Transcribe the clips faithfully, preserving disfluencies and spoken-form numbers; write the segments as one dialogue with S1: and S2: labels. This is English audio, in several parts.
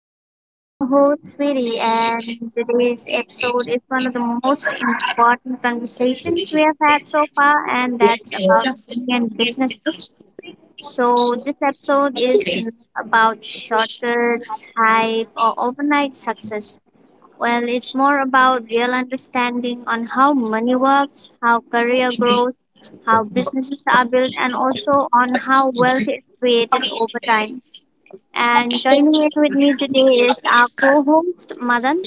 S1: And I'm your host, Sweetie. And today's episode is one of the most important conversations we have had so far, and that's about money and businesses. So, this episode is not about shortcuts, hype, or overnight success. Well, it's more about real understanding on how money works, how career grows, how businesses are built, and also on how wealth is created over time. And joining in with me today is our co host, Madan.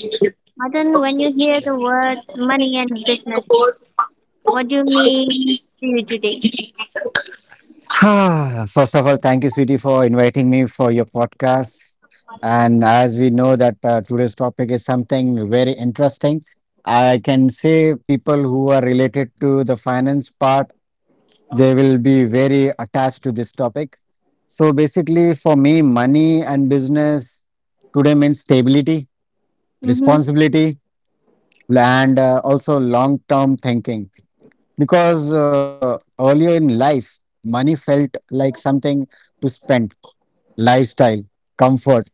S1: Madan, when you hear the words money and business, what do you mean to you today?
S2: Ah, first of all, thank you, sweetie, for inviting me for your podcast. And as we know that uh, today's topic is something very interesting, I can say people who are related to the finance part, they will be very attached to this topic. So basically, for me, money and business today means stability,
S1: hmm
S2: responsibility, and uh, also long-term thinking because uh, earlier in life, money felt like something to spend, lifestyle, comfort,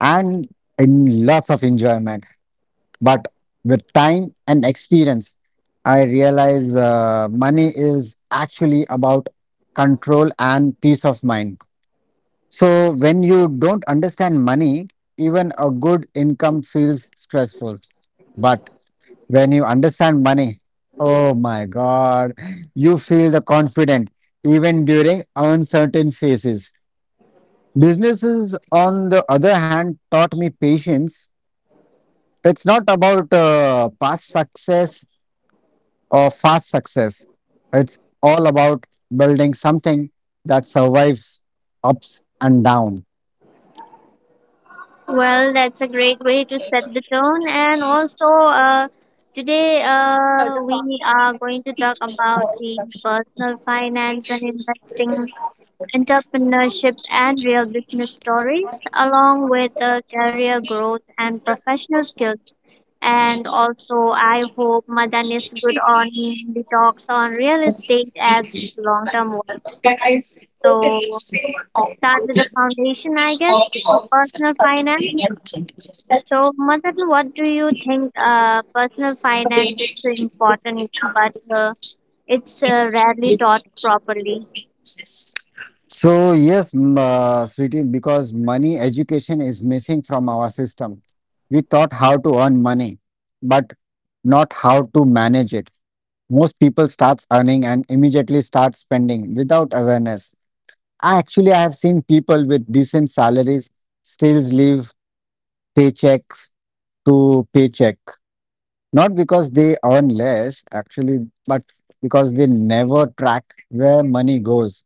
S2: and in lots of enjoyment. But with time and experience, I realize uh, money is actually about control and peace of mind. So when you don't understand money, even a good income feels stressful. But when you understand money, oh my God, you feel the confident even during uncertain phases. Businesses, on the other hand, taught me patience. It's not about uh, past success or fast success. It's all about building something that survives ups and downs.
S1: Well, that's a great way to set the tone. And also, uh, today uh, we are going to talk about the personal finance and investing, entrepreneurship, and real business stories, along with uh, career growth and professional skills. And also, I hope Madan is good on the talks on real estate as long term wealth. So, let's start with the foundation, I guess, for personal finance. So, Madan, what do you think uh, personal finance is so important, but uh, it's uh, rarely taught properly?
S2: So yes, m- uh, Sriti, because money education is missing from our system. We taught how to earn money, but not how to manage it. Most people starts earning and immediately start spending without awareness. I actually I have seen people with decent salaries still live paychecks to paycheck, not because they earn less actually, but because they never track where money goes.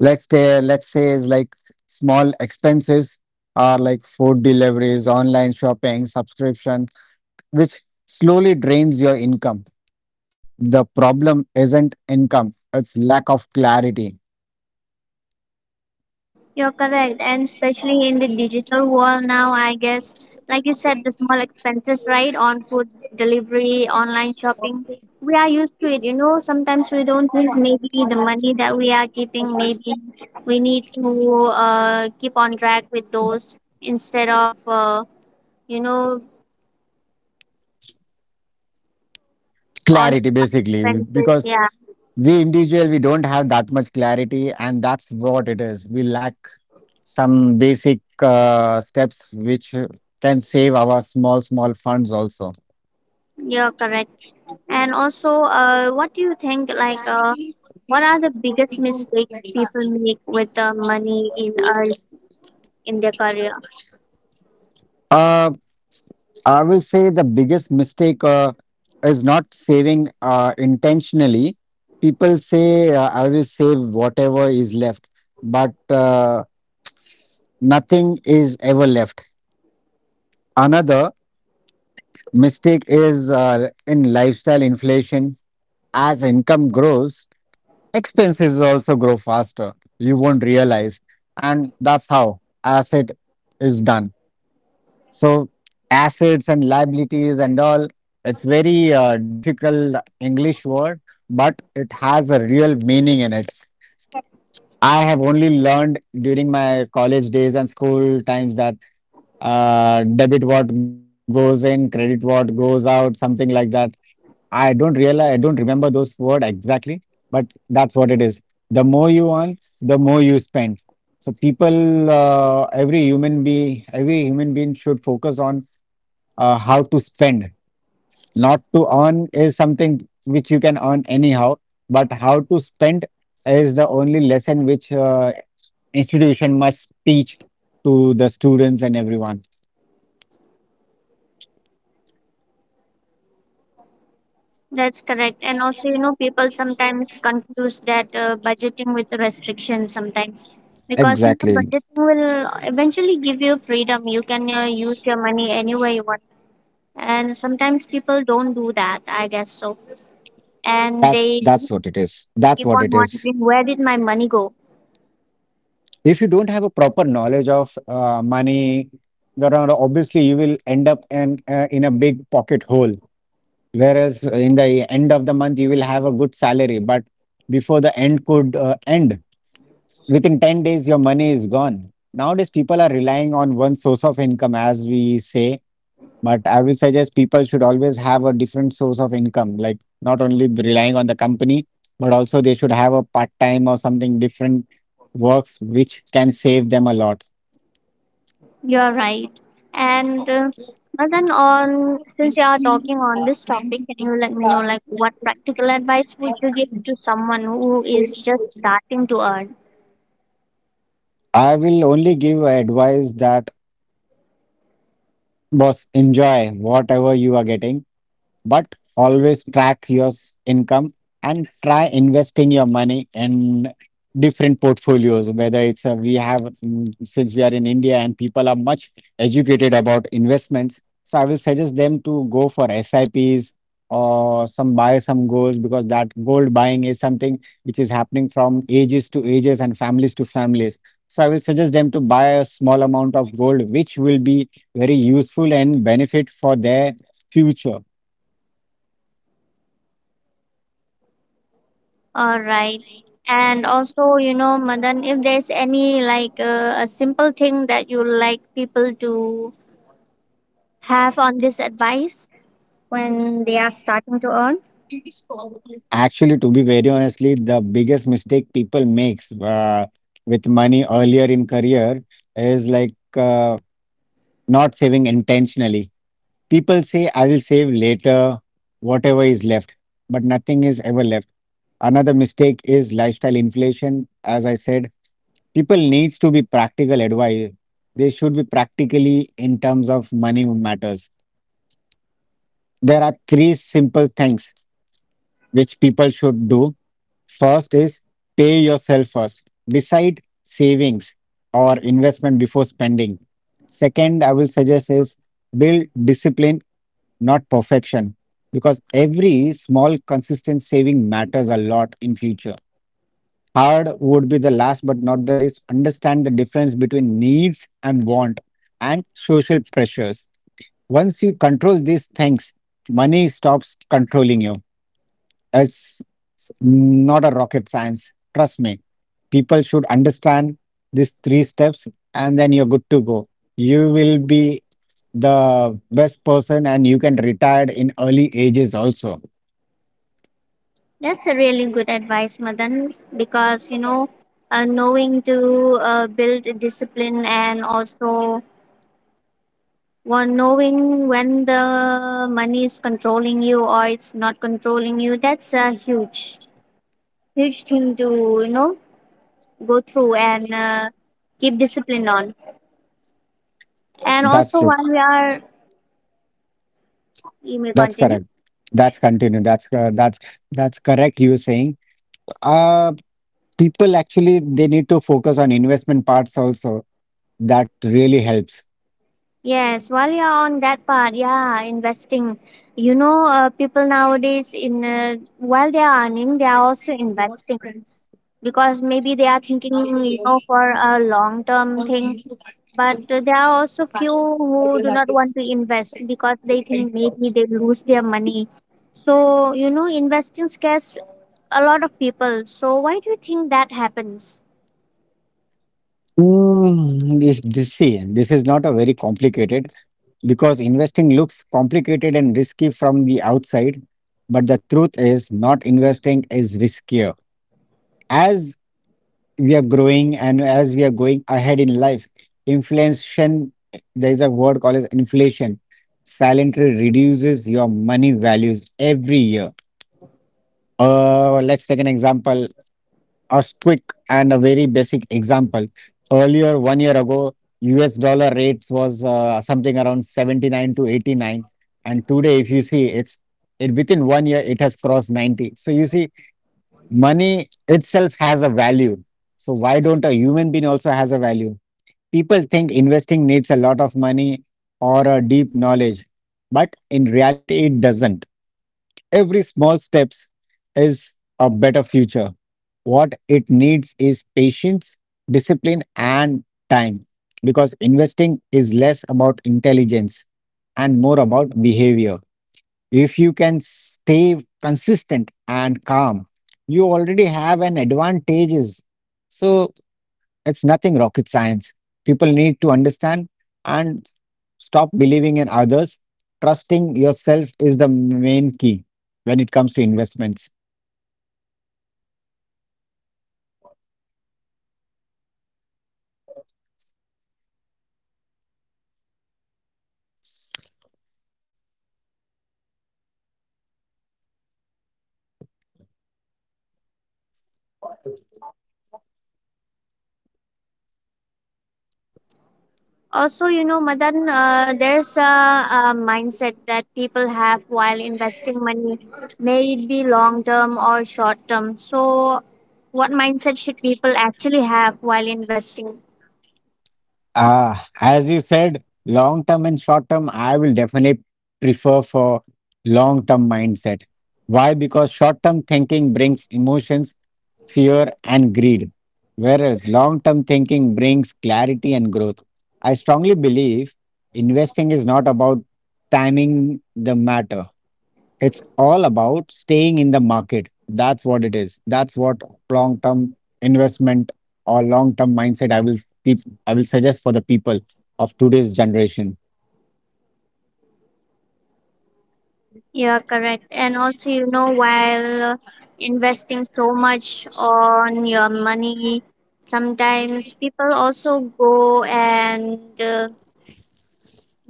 S2: Let's say let's say is like small expenses are like food deliveries, online shopping, subscription, which slowly drains your income. The problem isn't income, it's lack of clarity.
S1: You're correct, and especially in the digital world now, I guess, like you said, the small expenses, right, on food delivery, online shopping, we are used to it. You know, sometimes we don't think maybe the money that we are keeping, maybe we need to uh, keep on track with those instead of, uh, you know, on
S2: Clarity basically
S1: expenses.
S2: because
S1: Yeah,
S2: we individual we don't have that much clarity, and that's what it is. We lack some basic uh, steps which can save our small small funds also.
S1: you're correct. And also, uh, what do you think, like, uh, what are the biggest mistakes people make with the money in early? in their career.
S2: Uh, I will say the biggest mistake uh, is not saving uh, intentionally. People say, uh, I will save whatever is left, but uh, nothing is ever left. Another mistake is uh, in lifestyle inflation. As income grows, expenses also grow faster. You won't realize. And that's how asset is done. So assets and liabilities and all, it's very uh, difficult English word, but it has a real meaning in it. I have only learned during my college days and school times that uh, debit what goes in, credit what goes out, something like that. I don't realize, I don't remember those word exactly, but that's what it is. The more you earn, the more you spend. So people, uh, every human being, every human being should focus on uh, how to spend. Not to earn is something which you can earn anyhow, but how to spend is the only lesson which uh, institution must teach to the students and everyone.
S1: That's correct. And also, you know, people sometimes confuse that uh, budgeting with restrictions sometimes because, you know,
S2: Exactly.
S1: budgeting will eventually give you freedom. You can uh, use your money anywhere you want. And sometimes people don't do that, I guess so. And
S2: That's
S1: they
S2: that's what it is. That's
S1: keep
S2: what
S1: on
S2: it is.
S1: wondering, where did my money go?
S2: If you don't have a proper knowledge of uh, money, then uh, obviously you will end up in uh, in a big pocket hole. Whereas in the end of the month you will have a good salary, but before the end could uh, end within ten days your money is gone. Nowadays people are relying on one source of income, as we say, but I will suggest people should always have a different source of income, like not only relying on the company, but also they should have a part time or something different works which can save them a lot.
S1: You're right. And uh, well, on since you are talking on this topic, can you let me know like what practical advice would you give to someone who is just starting to earn?
S2: I will only give advice that, boss, enjoy whatever you are getting, but always track your s- income, and try investing your money in different portfolios. Whether it's a, we have, mm, since we are in India and people are much educated about investments, so I will suggest them to go for SIPs or some buy some goals, because that gold buying is something which is happening from ages to ages and families to families. So I will suggest them to buy a small amount of gold which will be very useful and benefit for their future.
S1: All right. And also, you know, Madan, if there's any like uh, a simple thing that you like people to have on this advice when they are starting to earn.
S2: Actually, to be very honestly, the biggest mistake people makes uh, with money earlier in career is like uh, not saving intentionally. People say, I will save later, whatever is left, but nothing is ever left. Another mistake is lifestyle inflation. As I said, people needs to be practical advice. They should be practically in terms of money matters. There are three simple things which people should do. First is pay yourself first. Decide savings or investment before spending. Second, I will suggest is build discipline, not perfection, because every small consistent saving matters a lot in future. Hard would be the last but not the least. Understand the difference between needs and want and social pressures. Once you control these things, money stops controlling you. It's s- not a rocket science. Trust me. People should understand these three steps and then you're good to go. You will be the best person and you can retire in early ages also.
S1: That's a really good advice, Madan, because you know, uh, knowing to uh, build a discipline and also one knowing when the money is controlling you or it's not controlling you, that's a huge, huge thing to, you know, go through and uh, keep discipline on. And
S2: That's
S1: also,
S2: true.
S1: while we are, you may
S2: That's
S1: continue.
S2: correct. That's continue. That's uh, that's that's correct. You were saying, uh, people actually they need to focus on investment parts also. That really helps.
S1: Yes, while you're on that part, yeah, investing. You know, uh, people nowadays in uh, while they are earning, they are also investing because maybe they are thinking, you know, for a long term thing, but uh, there are also few who do not want to invest because they think maybe they lose their money. So you know, investing scares a lot of people. So why do you think that happens?
S2: Mm, if this, see, this is not a very complicated because investing looks complicated and risky from the outside, but the truth is not investing is riskier. As we are growing and as we are going ahead in life, inflation, there is a word called as inflation, silently reduces your money values every year. Uh, let's take an example. A quick and a very basic example. Earlier, one year ago, U S dollar rates was uh, something around seventy-nine to eighty-nine. And today, if you see, it's it, within one year, it has crossed ninety. So you see, money itself has a value. So why don't a human being also has a value? People think investing needs a lot of money or a deep knowledge, but in reality, it doesn't. Every small steps is a better future. What it needs is patience, discipline, and time, because investing is less about intelligence and more about behavior. If you can stay consistent and calm, you already have an advantages. So it's nothing rocket science. People need to understand and stop believing in others. Trusting yourself is the main key when it comes to investments.
S1: Also, you know, Madan, uh, there's a, a mindset that people have while investing money, may it be long term or short term. So what mindset should people actually have while investing?
S2: Ah, as you said, long term and short term, I will definitely prefer for long term mindset. Why? Because short term thinking brings emotions, fear, and greed, whereas long term thinking brings clarity and growth. I strongly believe investing is not about timing the matter, it's all about staying in the market. That's what it is. That's what long term investment or long term mindset I will keep, I will suggest for the people of today's generation.
S1: You are correct. And also, you know, while investing so much on your money, sometimes people also go and uh,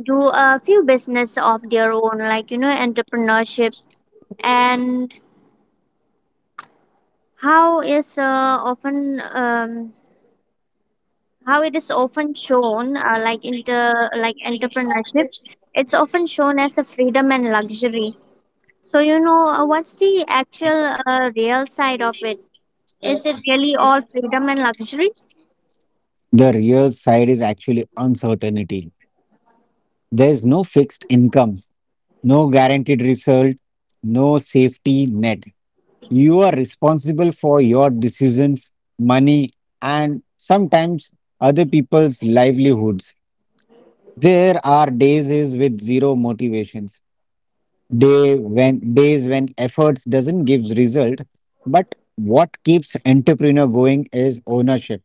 S1: do a few business of their own, like, you know, entrepreneurship. And how is uh, often um, how it is often shown uh, like inter like entrepreneurship, it's often shown as a freedom and luxury. So, you know, uh, what's the actual uh, real side of it? Is it really all freedom and luxury?
S2: The real side is actually uncertainty. There is no fixed income, no guaranteed result, no safety net. You are responsible for your decisions, money, and sometimes other people's livelihoods. There are days is with zero motivations. Day when days when efforts doesn't give result, but what keeps entrepreneur going is ownership.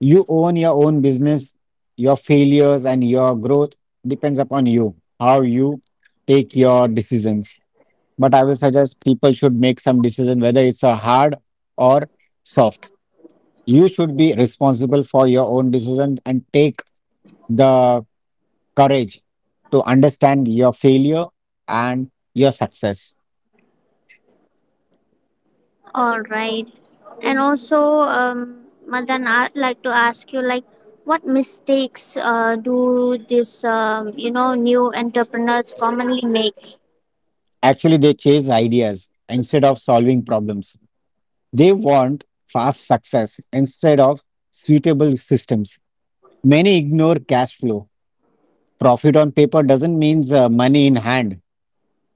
S2: You own your own business, your failures and your growth depends upon you, how you take your decisions. But I will suggest people should make some decision whether it's a hard or soft. You should be responsible for your own decision and take the courage to understand your failure and your success.
S1: All right. And also, um, Madan, I'd like to ask you, like, what mistakes uh, do these, um, you know, new entrepreneurs commonly make?
S2: Actually, they chase ideas instead of solving problems. They want fast success instead of suitable systems. Many ignore cash flow. Profit on paper doesn't mean uh, money in hand.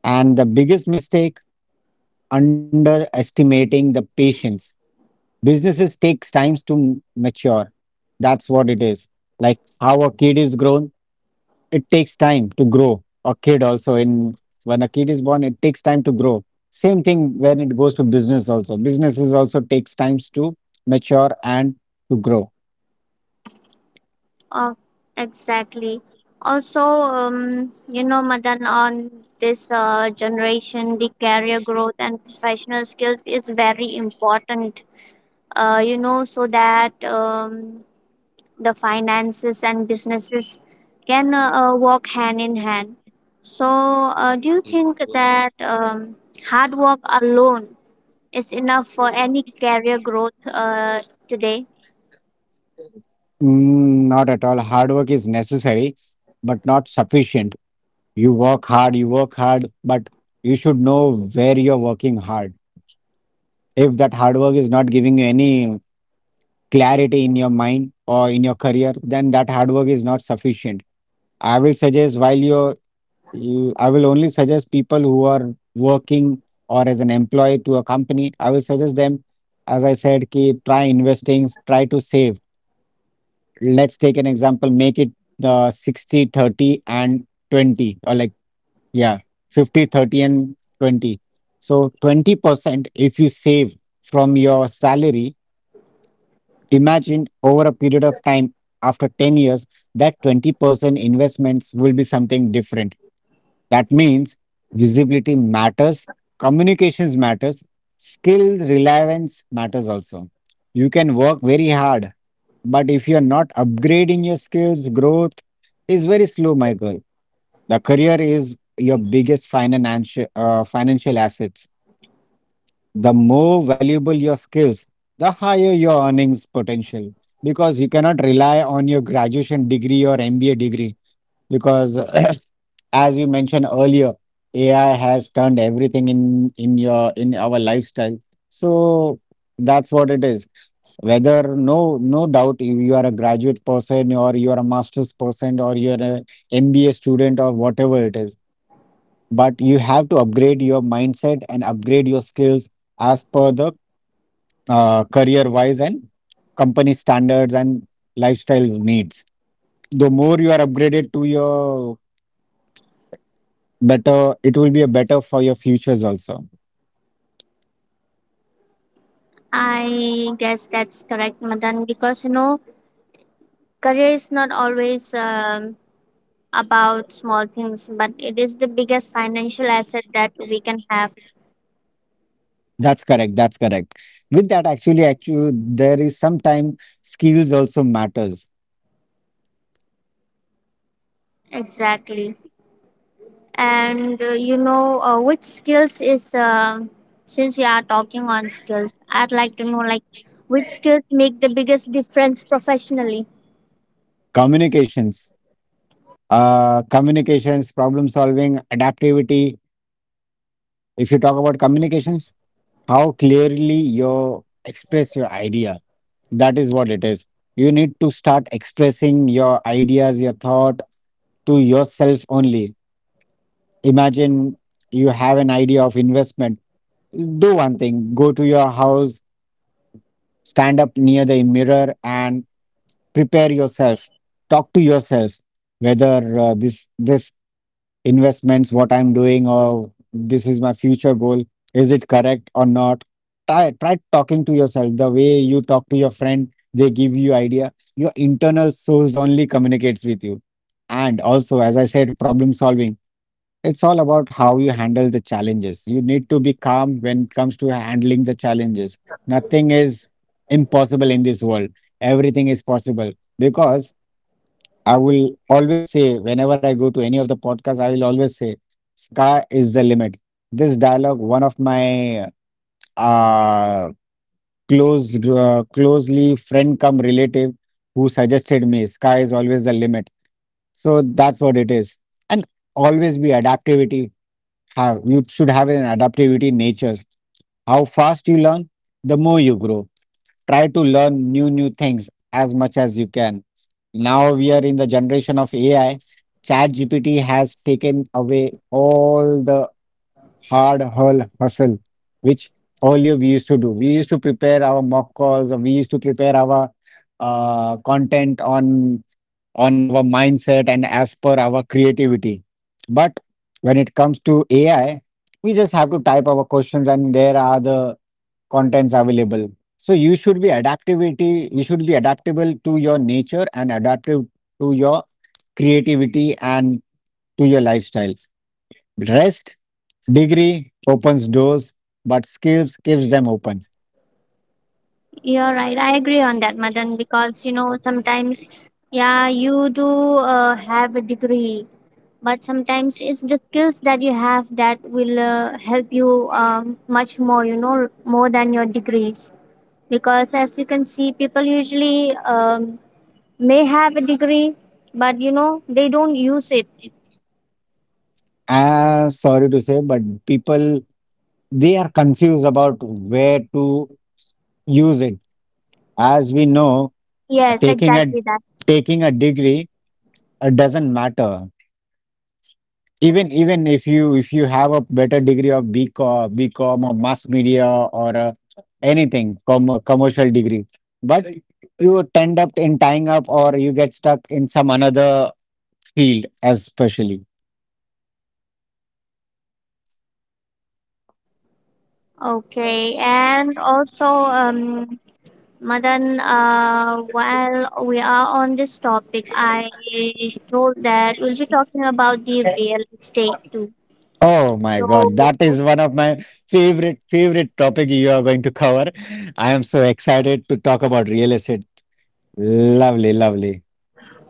S2: And the biggest mistake, underestimating the patience. Businesses takes times to m- mature. That's what it is. Like how a kid is grown, it takes time to grow. A kid also in When a kid is born, it takes time to grow. Same thing when it goes to business also. Businesses also takes times to mature and to grow.
S1: Oh, exactly. Also, um, you know, Madan, on this uh, generation, the career growth and professional skills is very important. Uh, you know, so that um, the finances and businesses can uh, uh, walk hand in hand. So, uh, do you think that um, hard work alone is enough for any career growth uh, today?
S2: Mm, not at all. Hard work is necessary, but not sufficient. You work hard, you work hard, but you should know where you're working hard. If that hard work is not giving you any clarity in your mind or in your career, then that hard work is not sufficient. I will suggest while you You, I will only suggest people who are working or as an employee to a company. I will suggest them, as I said, ki, try investing, try to save. Let's take an example, make it the sixty, thirty and twenty, or like, yeah, fifty, thirty and twenty. So twenty percent, if you save from your salary, imagine over a period of time, after ten years, that twenty percent investments will be something different. That means visibility matters, communications matters, skill relevance matters also. You can work very hard, but if you're not upgrading your skills, growth is very slow, Michael. The career is your biggest financial uh, financial assets. The more valuable your skills, the higher your earnings potential, because you cannot rely on your graduation degree or M B A degree because as you mentioned earlier, A I has turned everything in in your in our lifestyle. So that's what it is. Whether no no doubt you you are a graduate person, or you are a master's person, or you are an M B A student, or whatever it is, but you have to upgrade your mindset and upgrade your skills as per the uh, career wise, and company standards, and lifestyle needs. The more you are upgraded to your better, it will be a better for your futures also.
S1: I guess that's correct, Madan, because you know, career is not always um, about small things, but it is the biggest financial asset that we can have.
S2: That's correct, that's correct. With that, actually actually there is sometime skills also matters.
S1: Exactly. And uh, you know, uh, which skills is uh, since we are talking on skills, I'd like to know, like, which skills make the biggest difference professionally?
S2: Communications, uh communications, problem solving, adaptivity. If you talk about communications, how clearly you express your idea, that is what it is. You need to start expressing your ideas, your thought, to yourself only. Imagine you have an idea of investment. Do one thing, go to your house, stand up near the mirror and prepare yourself, talk to yourself whether uh, this this investments what I'm doing, or this is my future goal, is it correct or not. Try try talking to yourself the way you talk to your friend. They give you idea. Your internal source only communicates with you. And also, as I said, problem solving. It's all about how you handle the challenges. You need to be calm when it comes to handling the challenges. Nothing is impossible in this world. Everything is possible, because I will always say, whenever I go to any of the podcasts, I will always say, sky is the limit. This dialogue, one of my uh, close, uh, closely friend come relative, who suggested me, sky is always the limit. So that's what it is. And always be adaptivity, have, you should have an adaptivity in nature. How fast you learn, the more you grow. Try to learn new new things as much as you can. Now we are in the generation of A I. Chat G P T has taken away all the hard hull hustle which earlier we used to do. We used to prepare our mock calls, or we used to prepare our uh, content on on our mindset and as per our creativity. But when it comes to A I, we just have to type our questions and there are the contents available. So you should be adaptivity, you should be adaptable to your nature and adaptive to your creativity and to your lifestyle. Rest, degree opens doors, but skills keeps them open.
S1: You're right, I agree on that, Madan, because you know, sometimes, yeah, you do uh, have a degree, but sometimes it's the skills that you have that will uh, help you um, much more, you know, more than your degrees. Because as you can see, people usually um, may have a degree, but you know, they don't use it.
S2: Ah, sorry to say, but people, they are confused about where to use it. As we know,
S1: Yes,
S2: taking a
S1: exactly that.
S2: taking a degree uh, doesn't matter. Even even if you if you have a better degree of BCom, BCom, or mass media, or uh, anything, com commercial degree, but you tend up in tying up, or you get stuck in some another field, especially.
S1: Okay, and also, um, Madan, uh, while we are on this topic, I told that we'll be talking about the real estate too.
S2: Oh my
S1: So,
S2: God, that is one of my favorite favorite topic you are going to cover. I am so excited to talk about real estate. Lovely, lovely.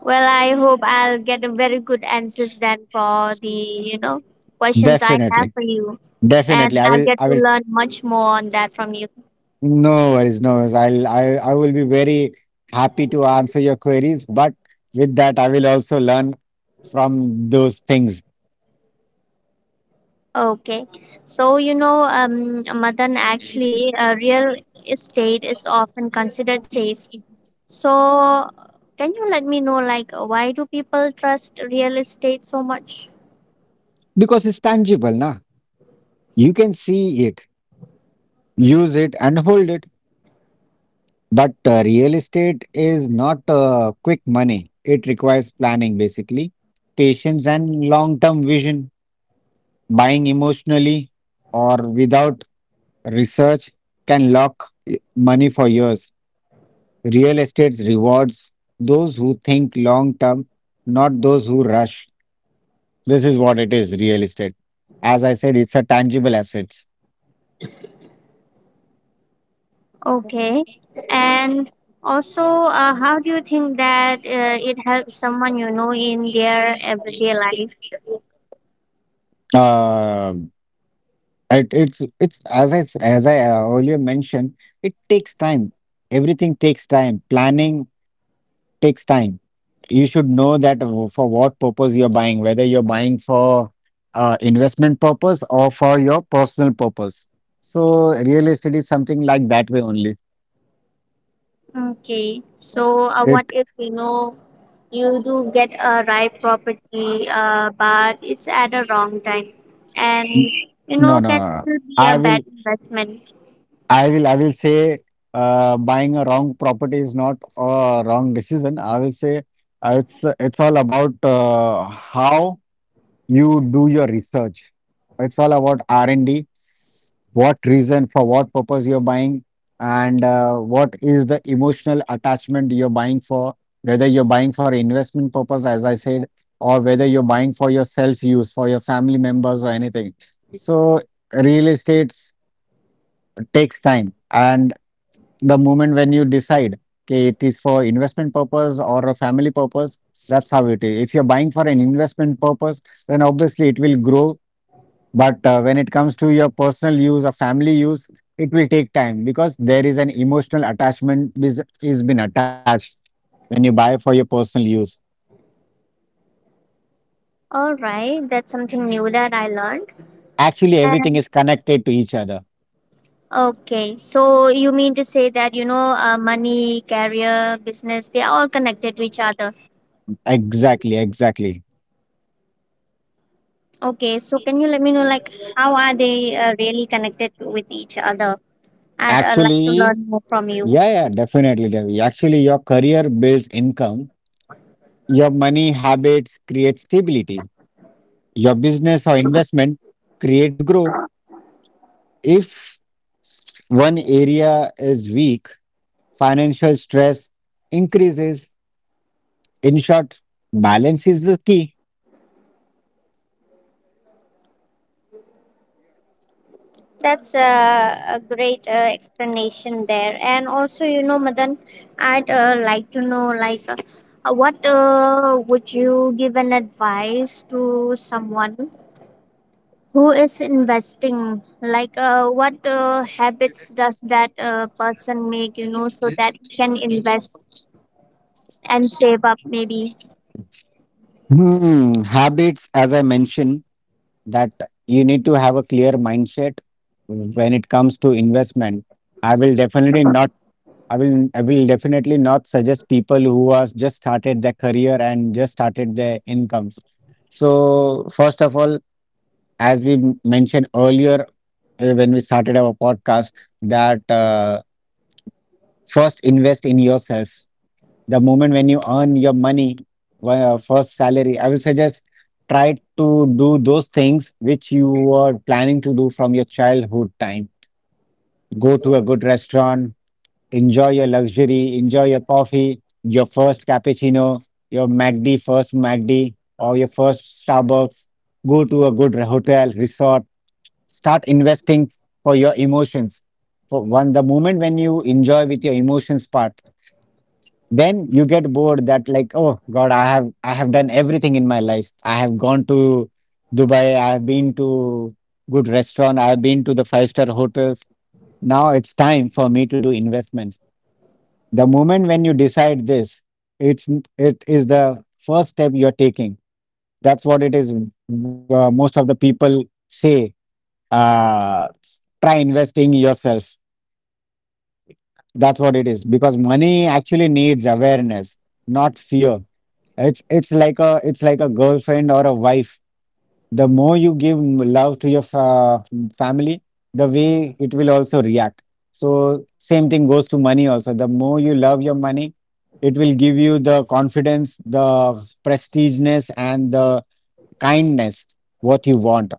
S1: well, I hope I'll get a very good answers then for the, you know, questions I have
S2: Definitely.
S1: for you. And
S2: Definitely. I
S1: I'll
S2: will,
S1: get
S2: I
S1: to
S2: will,
S1: learn much more on that from you.
S2: no worries, no worries. I'll, I, I will be very happy to answer your queries, but with that, I will also learn from those things,
S1: Okay. So, you know, um, Madan, actually, uh, real estate is often considered safe. So, can you let me know, like, why do people trust real estate so much?
S2: because it's tangible, na? You can see it, use it, and hold it. But uh, real estate is not uh, quick money. It requires planning, basically, patience, and long-term vision. Buying emotionally or without research can lock eh, money for years. Real estate rewards those who think long term, not those who rush. This is what it is, real estate. As I said, it's a tangible assets.
S1: Okay. And also, uh, how do you think that uh, it helps someone, you know, in their everyday life?
S2: Uh, it, it's it's as I s- as I uh, earlier mentioned, it takes time. Everything takes time. Planning takes time. You should know that w- for what purpose you're buying, whether you're buying for uh, investment purpose or for your personal purpose. So real estate is something like that way only.
S1: Okay, so uh, what
S2: It.
S1: if, you know, you do get a right property, uh, but it's at a wrong time, and
S2: N-
S1: you
S2: No,
S1: know,
S2: no,
S1: can
S2: no. no.
S1: still be a
S2: I
S1: bad
S2: will,
S1: investment.
S2: I will, I will say uh, buying a wrong property is not a wrong decision. I will say uh, it's it's all about uh, how you do your research. It's all about R and D. What reason, for what purpose you're buying, and uh, what is the emotional attachment you're buying for? Whether you're buying for investment purpose, as I said, or whether you're buying for your self use, for your family members, or anything. So real estate takes time, and the moment when you decide. Okay, it is for investment purpose or a family purpose. That's how it is. If you're buying for an investment purpose, then obviously it will grow, but uh, when it comes to your personal use or family use, it will take time, because there is an emotional attachment is is been attached when you buy for your personal use.
S1: All right, that's something new that I learned.
S2: Actually, everything
S1: And
S2: is connected to each other.
S1: okay, so you mean to say that, you know, uh, money, career, business, they are all connected with each other.
S2: Exactly, exactly.
S1: Okay, so can you let me know like how are they uh, really connected with each other? I'd uh, like to
S2: Actually,
S1: learn more from you.
S2: yeah, yeah, definitely. Definitely. Actually, your career builds income. Your money habits create stability. Your business or investment creates growth. If one area is weak, financial stress increases. In short, balance is the key.
S1: That's a, a great uh, explanation there. And also, you know, Madan, I'd uh, like to know, like, uh, uh, what uh, would you give an advice to someone who is investing? Like, uh, what uh, habits does that uh, person make, you know, so that he can invest and save up maybe?
S2: Hmm, habits, as I mentioned, that you need to have a clear mindset when it comes to investment. I will definitely not. I will. I will definitely not suggest people who has just started their career and just started their incomes. So first of all, as we m- mentioned earlier uh, when we started our podcast, that uh, first invest in yourself. The moment when you earn your money, well, first salary, I will suggest, try to do those things which you were planning to do from your childhood time. Go to a good restaurant, enjoy your luxury, enjoy your coffee, your first cappuccino, your mac D, first mac D, or your first Starbucks. Go to a good re- hotel, resort, start investing for your emotions. For one, the moment when you enjoy with your emotions part, then you get bored that like, oh God, i have i have done everything in my life. I have gone to Dubai, I have been to good restaurant, I have been to the five star hotels. Now it's time for me to do investments. The moment when you decide this, it's, it is the first step you're taking. That's what it is. Uh, most of the people say, uh, try investing yourself. That's what it is, because money actually needs awareness, not fear. It's it's like a, it's like a girlfriend or a wife. The more you give m- love to your fa family, the way it will also react. So same thing goes to money also. The more you love your money, it will give you the confidence, the prestigeness, and the kindness what you want.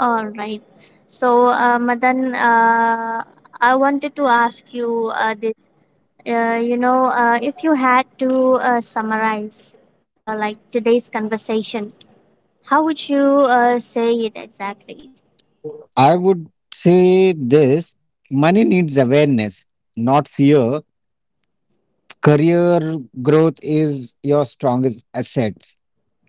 S1: All right. So, uh, Madan, uh, I wanted to ask you uh, this Uh, You know, uh, if you had to uh, summarize uh, like today's conversation, how would you uh, say it exactly?
S2: I would say this: money needs awareness, not fear. Career growth is your strongest asset,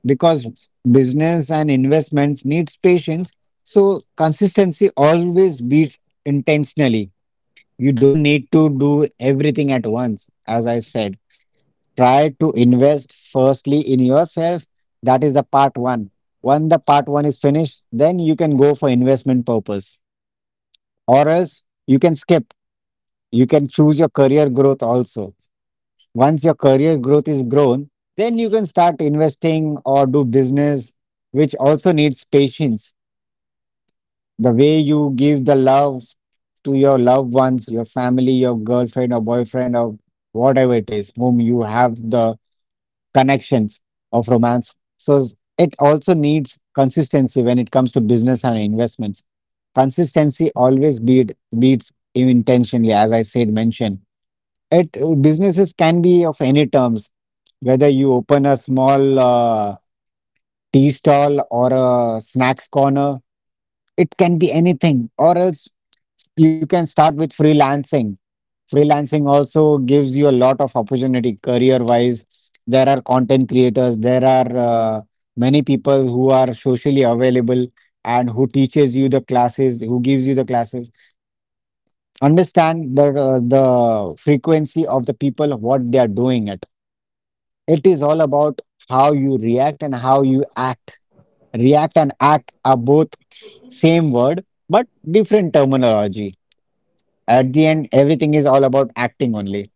S2: because business and investments needs patience. So consistency always beats intentionally. You don't need to do everything at once. As I said, try to invest firstly in yourself. That is the part one. When the part one is finished, then you can go for investment purpose, or else you can skip. You can choose your career growth also. Once your career growth is grown, then you can start investing or do business, which also needs patience. The way you give the love to your loved ones, your family, your girlfriend or boyfriend, or whatever it is, whom you have the connections of romance. So it also needs consistency when it comes to business and investments. Consistency always beat, beats intentionally, as I said, mentioned. It, businesses can be of any terms, whether you open a small uh, tea stall or a snacks corner. It can be anything, or else you can start with freelancing. Freelancing also gives you a lot of opportunity career-wise. There are content creators. There are uh, many people who are socially available and who teaches you the classes, who gives you the classes. Understand the uh, the frequency of the people what they are doing at. It is all about how you react and how you act. React and act are both same word, but different terminology. At the end, everything is all about acting only.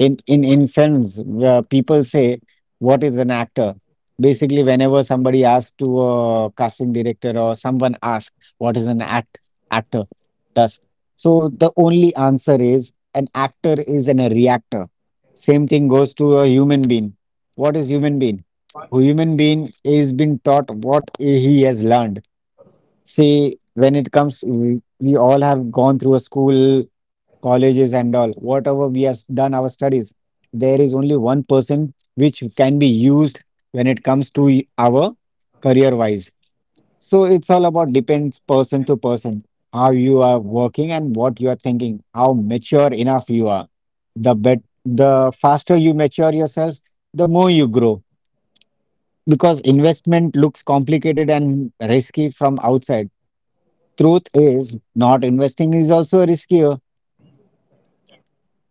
S2: in in In films, uh, people say, what is an actor? Basically, whenever somebody asks to a casting director, or someone asks what is an act actor, thus, so the only answer is, an actor is an, a reactor. Same thing goes to a human being. What is human being? Human being is been taught what he has learned. See, when it comes, we, we all have gone through a school, colleges, and all. Whatever we have done our studies, there is only one person which can be used when it comes to y- our career wise. So it's all about depends person to person, how you are working and what you are thinking, how mature enough you are. The bet, the faster you mature yourself, the more you grow. Because investment looks complicated and risky from outside, truth is not investing is also riskier,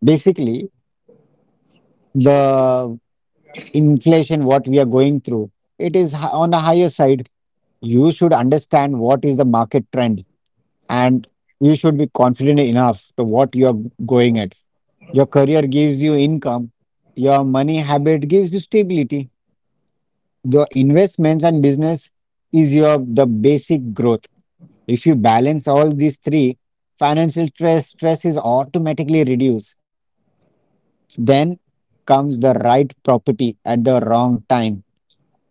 S2: basically. The inflation what we are going through, it is hi- on a higher side. You should understand what is the market trend, and you should be confident enough to what you are going at. Your career gives you income, your money habit gives you stability, your investments and business is your the basic growth. If you balance all these three, financial stress stress is automatically reduced. Then comes the right property at the wrong time.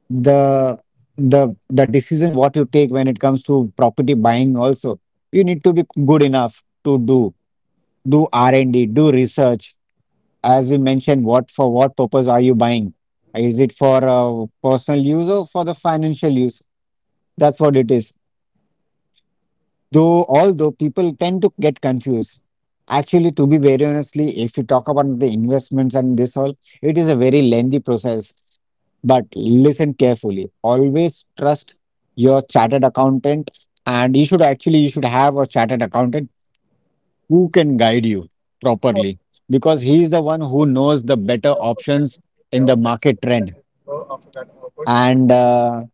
S2: The the the decision what you take when it comes to property buying also, you need to be good enough to do do R and D, do research. As we mentioned, what for what purpose are you buying? Is it for uh, personal use or for the financial use? That's what it is. Though, although people tend to get confused. Actually, to be very honestly, if you talk about the investments and this all, it is a very lengthy process. But listen carefully. Always trust your chartered accountant, and you should actually you should have a chartered accountant who can guide you properly, because he is the one who knows the better options in the market trend. And uh,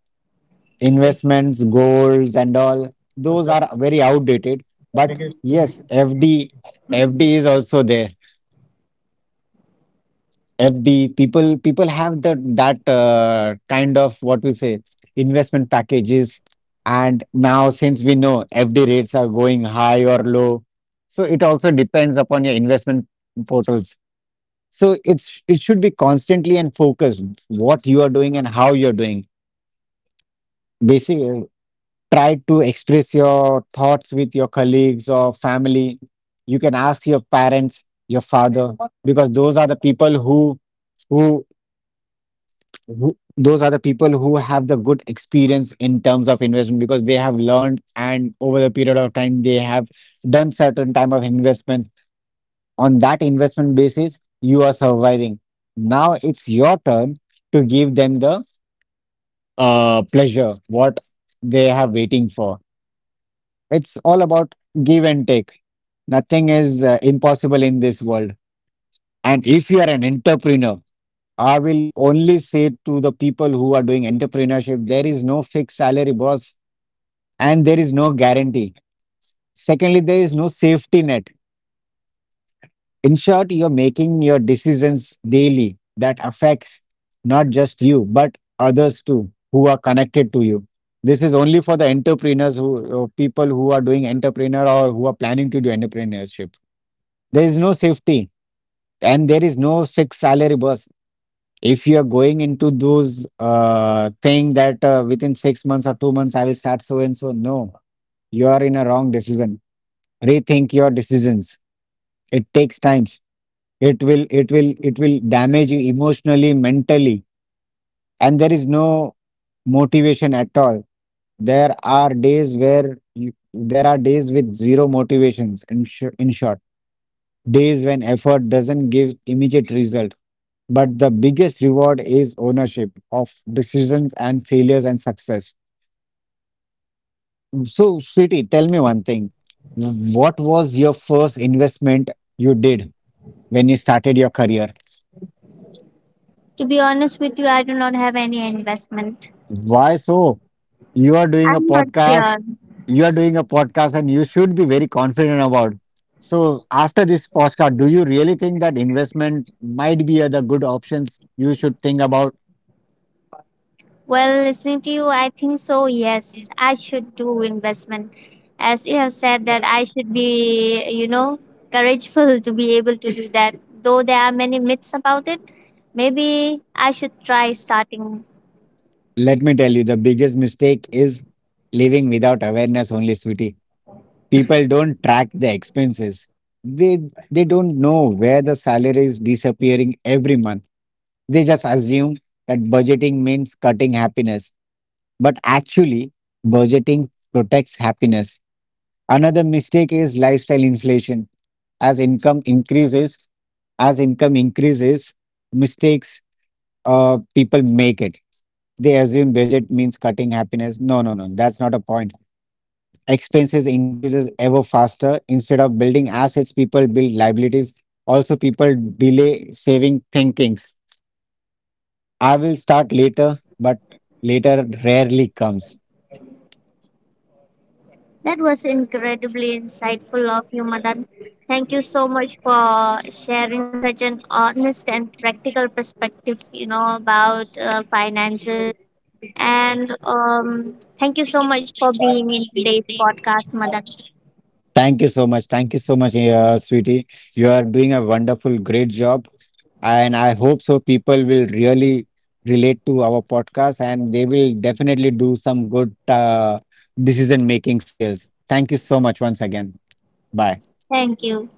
S2: investments, goals, and all, those are very outdated. But yes, FD, F D is also there. F D people people have the that uh, kind of what we say investment packages. And now since we know F D rates are going high or low, so it also depends upon your investment portals. So it's it should be constantly and focused what you are doing and how you're doing. Basic, try to express your thoughts with your colleagues or family. You can ask your parents, your father, because those are the people who, who, who those are the people who have the good experience in terms of investment because they have learned, and over the period of time they have done certain type of investment. On that investment basis, you are surviving. Now it's your turn to give them the uh, pleasure what they have waiting for. It's all about give and take. Nothing is uh, impossible in this world. And if you are an entrepreneur, I will only say to the people who are doing entrepreneurship, there is no fixed salary, boss, and there is no guarantee. Secondly, there is no safety net. In short, you're making your decisions daily that affects not just you, but others too who are connected to you. This is only for the entrepreneurs who, or people who are doing entrepreneur or who are planning to do entrepreneurship. There is no safety and there is no fixed salary, boss. If you are going into those uh, thing that uh, within six months or two months I will start so and so, no, you are in a wrong decision. Rethink your decisions. It takes times. It will, it will, it will damage you emotionally, mentally, and there is no motivation at all. There are days where you, there are days with zero motivations. In, sh- in short, days when effort doesn't give immediate result. But the biggest reward is ownership of decisions and failures and success. So, Sweetie, tell me one thing. What was your first investment you did when you started your career?
S1: To be honest with you, I do not have any investment.
S2: Why so? You are doing
S1: I'm
S2: a
S1: not
S2: podcast,
S1: sure.
S2: you are doing a podcast, and you should be very confident about. So, after this podcast, do you really think that investment might be other good options you should think about?
S1: Well, listening to you, I think so. Yes, I should do investment, as you have said that I should be, you know, courageful to be able to do that. Though there are many myths about it, maybe I should try starting.
S2: Let me tell you, the biggest mistake is living without awareness only, sweetie. People don't track the expenses. They they don't know where the salary is disappearing every month. They just assume that budgeting means cutting happiness, but actually budgeting protects happiness. Another mistake is lifestyle inflation. As income increases as income increases mistakes, uh, people make it. They assume budget means cutting happiness. No, no, no, that's not a point. Expenses increases ever faster. Instead of building assets, people build liabilities. Also, people delay saving thinkings. I will start later, but later rarely comes.
S1: That was incredibly insightful of you, Madan. Thank you so much for sharing such an honest and practical perspective, you know, about uh, finances. And um, thank you so much for being in today's podcast, Madan.
S2: Thank you so much thank you so much uh, Sweetie, you are doing a wonderful great job, and I hope so people will really relate to our podcast and they will definitely do some good uh, decision making skills. Thank you so much once again. Bye.
S1: Thank you.